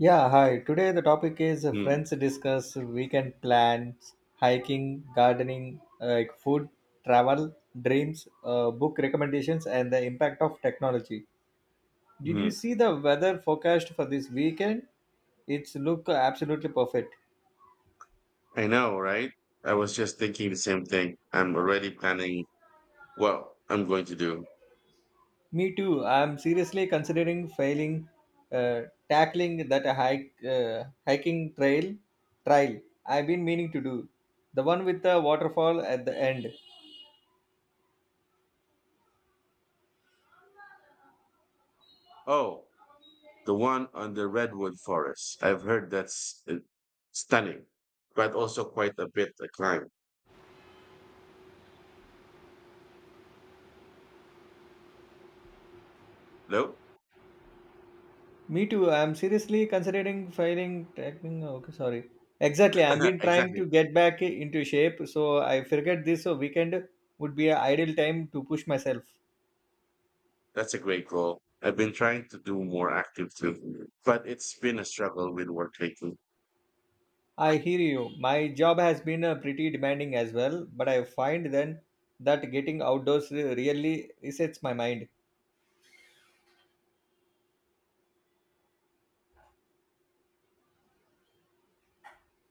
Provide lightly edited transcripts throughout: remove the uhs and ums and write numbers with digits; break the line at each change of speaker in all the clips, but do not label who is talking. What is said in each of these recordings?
Yeah, hi. Today the topic is
Mm,
friends discuss weekend plans, hiking, gardening, like food, travel, dreams, book recommendations, and the impact of technology. Did you
mhm.
see the weather forecast for this weekend? It's look absolutely perfect.
I know, right? I was just thinking the same thing. I'm already planning what I'm going to do.
Me too. I'm seriously considering uh, tackling that hiking trial I've been meaning to do, the one with the waterfall at the end.
Oh, the one on the redwood forest. I've heard that's stunning, but also quite a bit a climb. No?
Me too. I'm seriously considering filing tracking. Okay, sorry. Exactly. I've been trying
Exactly.
to get back into shape, so I figured this weekend would be an ideal time to push myself.
That's a great goal. I've been trying to do more active too, but it's been a struggle with work lately.
I hear you. My job has been pretty demanding as well, but I find then that getting outdoors really resets my mind.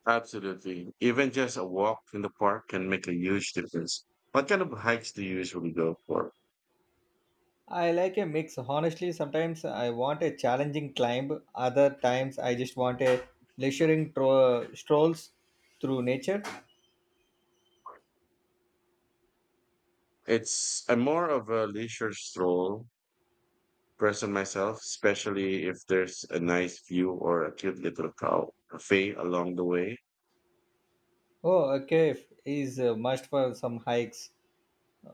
Absolutely. Even just a walk in the park can make a huge difference. What kind of hikes do you usually go for?
I like a mix. Honestly, sometimes I want a challenging climb, other times I just want a strolls through nature.
It's I'm more of a leisure stroll person myself, especially if there's a nice view or a cute little cow cafe along the way.
Oh, a cave is a must for some hikes.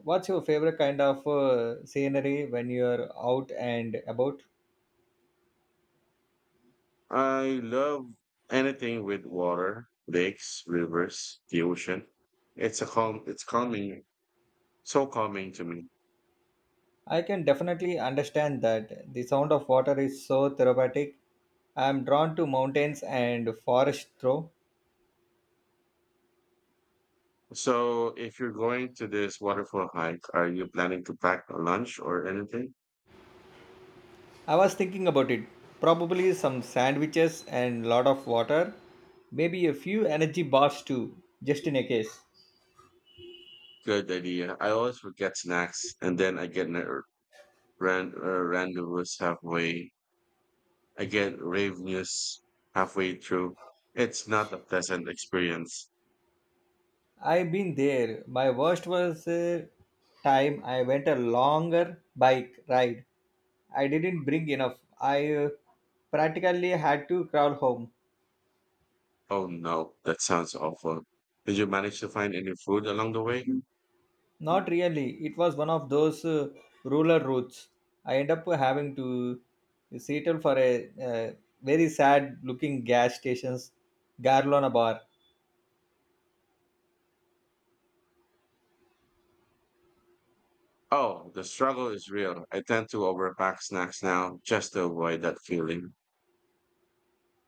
What's your favorite kind of scenery when you're out and about?
I love anything with water, lakes, rivers, the ocean. It's a calm it's calming so calming to me.
I can definitely understand that the sound of water is so therapeutic. I'm drawn to mountains and forest though.
So if you're going to this waterfall hike, are you planning to pack a lunch or anything?
I was thinking about it. Probably some sandwiches and lot of water. Maybe a few energy bars too, just in a case.
Good idea. I always forget snacks and then ran- uh, rendezvous halfway I get rave news halfway through. It's not a pleasant experience.
I've been there. My worst was time I went a longer bike ride. I didn't bring enough. I practically had to crawl home.
Oh no, that sounds awful. Did you manage to find any food along the way?
Not really. It was one of those rural routes. I end up having to settle for a very sad looking gas station's Garlona bar.
Oh, the struggle is real. I tend to overpack snacks now just to avoid that feeling.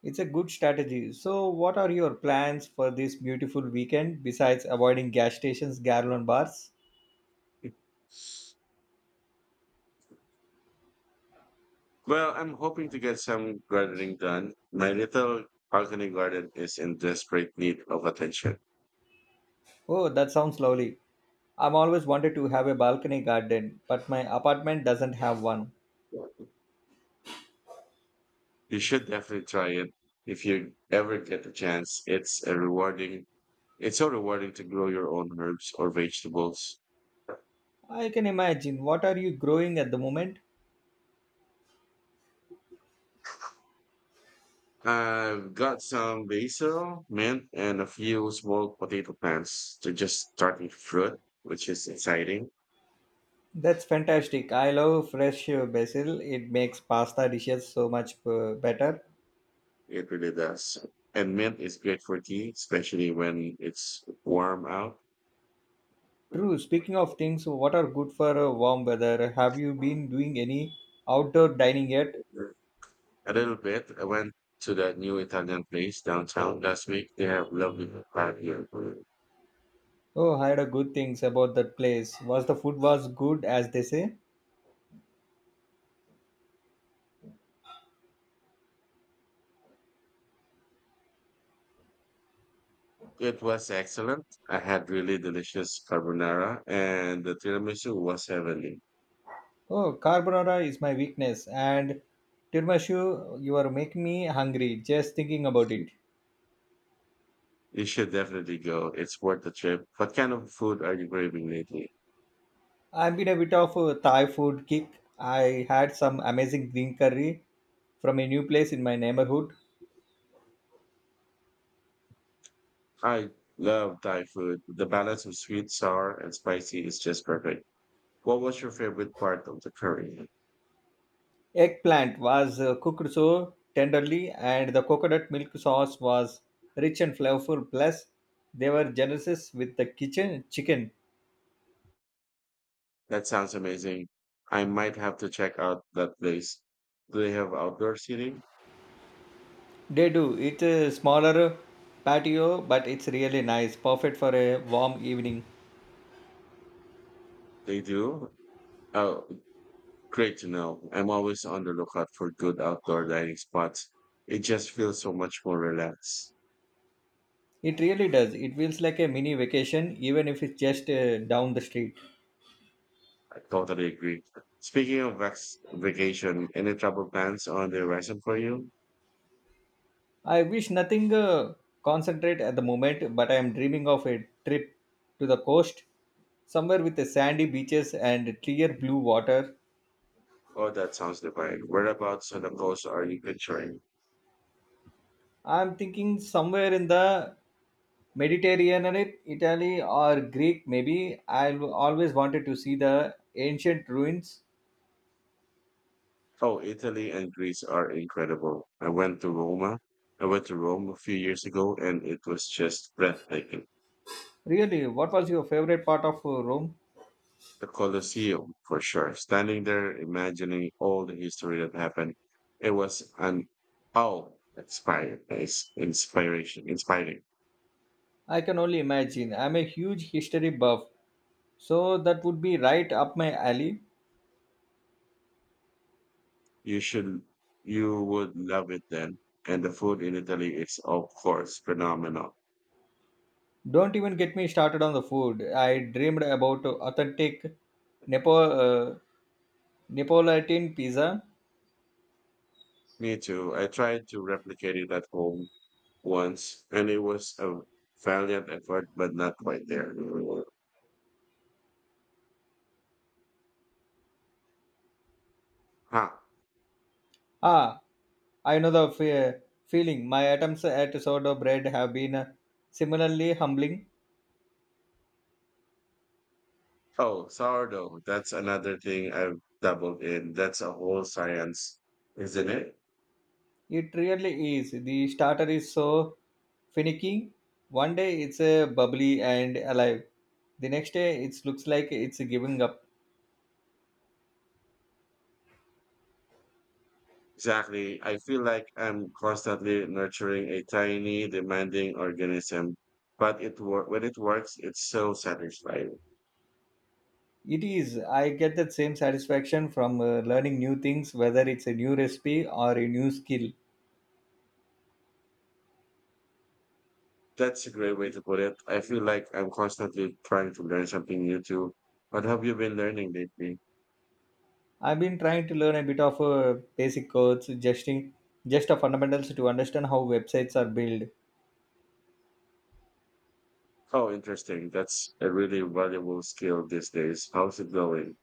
It's a good strategy. So, what are your plans for this beautiful weekend besides avoiding gas stations, Garlon bars?
Well, I'm hoping to get some gardening done. My little balcony garden is in desperate need of attention.
Oh, that sounds lovely. I've always wanted to have a balcony garden, but my apartment doesn't have one.
You should definitely try it if you ever get the chance. It's so rewarding to grow your own herbs or vegetables.
I can imagine. What are you growing at the moment?
I've got some basil, mint, and a few small potato plants. They're just starting to fruit, which is exciting.
That's fantastic. I love fresh basil. It makes pasta dishes so much better.
It really does. And mint is great for tea, especially when it's warm out. A
True. Speaking of things, what are good for warm weather? Have you been doing any outdoor dining yet?
little bit. I went to that new Italian place downtown last week. They have lovely pad here.
Oh, I heard a good things about that place. Was the food was good as they say?
It was excellent. I had really delicious carbonara, and the tiramisu was heavenly.
Oh, carbonara is my weakness, and tiramisu, you are making me hungry just thinking about it.
You should definitely go. It's worth the trip. What kind of food are you craving lately?
I've been a bit of a Thai food kick. I had some amazing green curry from a new place in my neighborhood.
I love Thai food. The balance of sweet, sour, and spicy is just perfect. What was your favorite part of the curry?
Eggplant was cooked so tenderly, and the coconut milk sauce was rich and flavorful. Plus, they were generous with the kitchen chicken.
That sounds amazing. I might have to check out that place. Do they have outdoor seating?
They do. It's a smaller patio, but it's really nice, perfect for a warm evening.
They do. Oh, great to know. I'm always on the lookout for good outdoor dining spots. It just feels so much more relaxed.
It really does. It feels like a mini vacation, even if it's just down the street.
I totally agree. Speaking of vacation, any travel plans on the horizon for you?
I wish nothing concentrate at the moment, but I am dreaming of a trip to the coast, somewhere with the sandy beaches and clear blue water.
Oh, that sounds divine. Whereabouts on the coast are you picturing?
I am thinking somewhere in the Mediterranean, Italy or Greek. Maybe I've always wanted to see the ancient ruins.
Oh, Italy and Greece are incredible. I went to Roma. I went to Rome a few years ago, and it was just breathtaking.
Really, what was your favorite part of Rome?
The Colosseum, for sure. Standing there, imagining all the history that happened, it was an oh, inspiring, inspiring.
I can only imagine. I'm a huge history buff, so that would be right up my alley.
You you would love it then. And the food in Italy is, of course, phenomenal.
Don't even get me started on the food. I dreamed about authentic Nepo, uh, Neapolitan pizza.
Me too. I tried to replicate it at home once, and it was a valiant effort, but not quite there. Huh.
Ah, I know the feeling. My attempts at sourdough bread have been similarly humbling.
Oh, sourdough. That's another thing I've dabbled in. That's a whole science, isn't it?
It really is. The starter is so finicky. One day it's bubbly and alive. The next day it looks like it's giving up.
Exactly. I feel like I'm constantly nurturing a tiny, demanding organism, but when it works, it's so satisfying.
It is. I get that same satisfaction from learning new things, whether it's a new recipe or a new skill.
That's a great way to put it. I feel like I'm constantly trying to learn something new too. What have you been learning lately?
I've been trying to learn a bit of basic codes, just a fundamentals to understand how websites are built.
Oh, interesting. That's a really valuable skill these days. How's it going?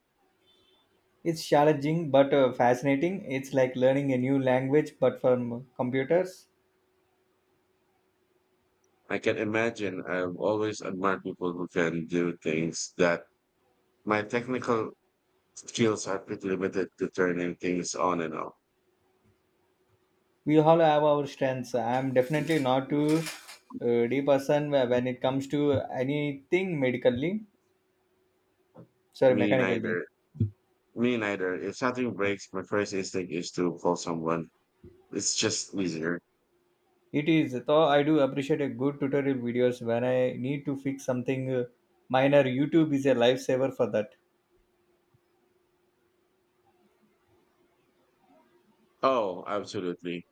It's challenging but fascinating. It's like learning a new language but from computers.
I can imagine. I've always admired people who can do things that my technical skills are pretty limited to turning things on and off.
We all have our strengths. I'm definitely not too deep person when it comes to anything medically. Sorry,
Me
mechanically.
neither. Me neither. If something breaks, my first instinct is to call someone. It's just easier.
It is though I do appreciate a good tutorial videos when I need to fix something minor. YouTube is a lifesaver for that.
Oh, absolutely.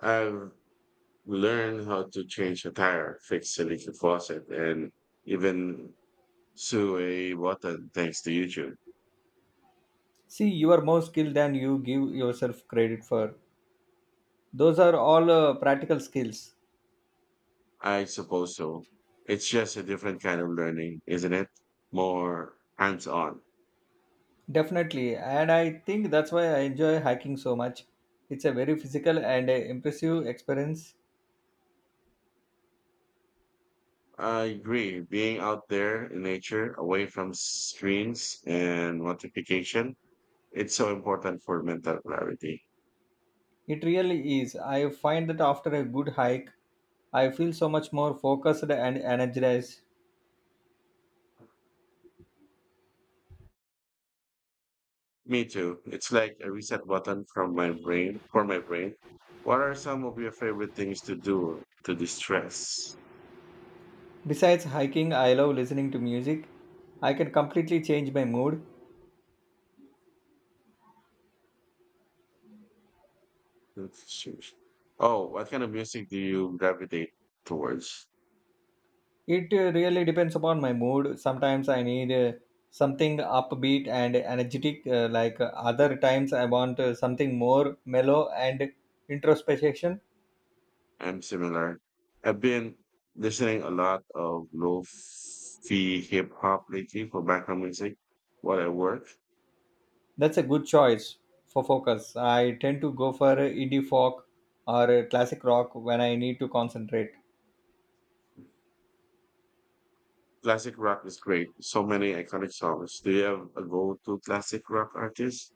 I've learn how to change a tire, fix a leaky faucet, and even sew a button thanks to YouTube.
See, you are more skilled than you give yourself credit for. Those are all practical skills.
I suppose so. It's just a different kind of learning, isn't it? More hands on.
Definitely, and I think that's why I enjoy hiking so much. It's a very physical and impressive experience.
I agree. Being out there in nature, away from screens and notification, it's so important for mental clarity.
It really is. I find that after a good hike, I feel so much more focused and energized.
Me too. It's like a reset button from my brain for my brain. What are some of your favorite things to do to distress?
Besides hiking, I love listening to music. I can completely change my mood.
Shoes. Oh, what kind of music do you gravitate towards?
It really depends upon my mood. Sometimes I need something upbeat and energetic, other times I want something more mellow and introspection.
I'm similar. I've been listening a lot of lo-fi hip hop lately for background music while I work.
That's a good choice for focus. I tend to go for indie folk or classic rock when I need to concentrate.
Classic rock is great. So many iconic songs. Do you have a go-to classic rock artist?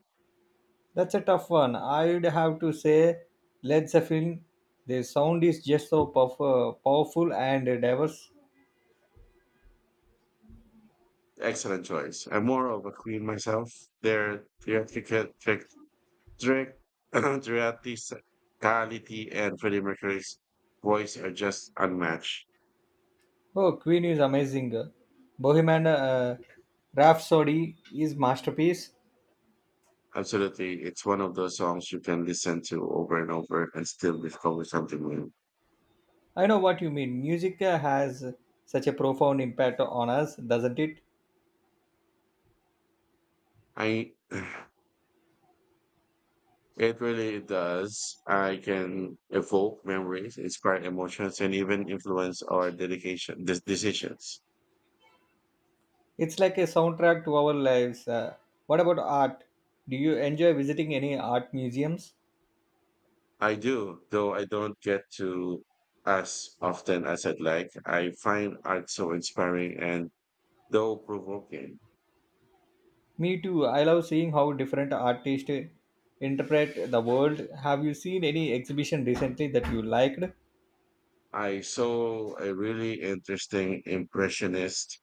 That's a tough one. I'd have to say Led Zeppelin. Their sound is just so powerful and diverse.
Excellent choice. I'm more of a Queen myself. Their trick, theatricality and Freddie Mercury's voice are just unmatched.
Oh, Queen is amazing. Bohemian Rhapsody is masterpiece.
Absolutely. It's one of those songs you can listen to over and over and still discover something new.
I know what you mean. Music has such a profound impact on us, doesn't it?
I, it really does. I can evoke memories, inspire emotions, and even influence our decisions.
It's like a soundtrack to our lives. What about art? Do you enjoy visiting any art museums?
I do, though I don't get to as often as I'd like. I find art so inspiring and though provoking.
Me too. I love seeing how different artists interpret the world. Have you seen any exhibition recently that you liked?
I saw a really interesting impressionist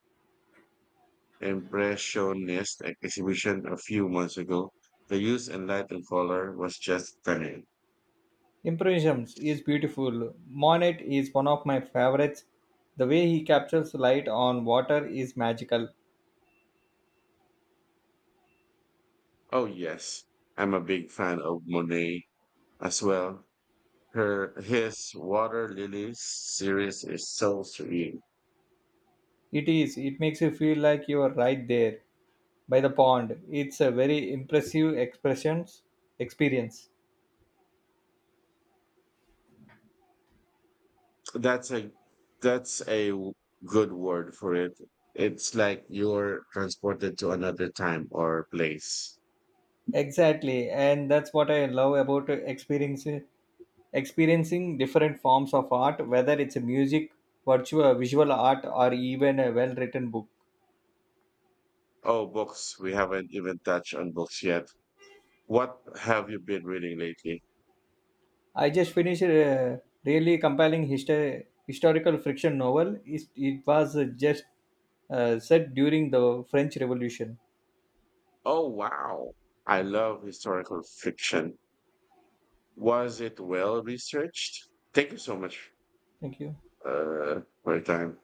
Impressionist exhibition a few months ago. The use and light and color was just stunning.
Impressions is beautiful. Monet is one of my favorites. The way he captures light on water is magical.
Oh yes, I'm a big fan of Monet as well. Her his Water Lilies series is so serene.
It is. It makes you feel like you are right there by the pond. It's a very impressive expressions experience.
That's a that's a good word for it. It's like you're transported to another time or place.
Exactly, and that's what I love about experiencing different forms of art, whether it's a music, virtual, visual art, or even a well-written book.
Oh, books. We haven't even touched on books yet. What have you been reading lately?
I just finished a really compelling historical fiction novel. It was just set during the French Revolution.
Oh, wow. I love historical fiction. Was it well researched? Thank you so much
Thank you.
for your time.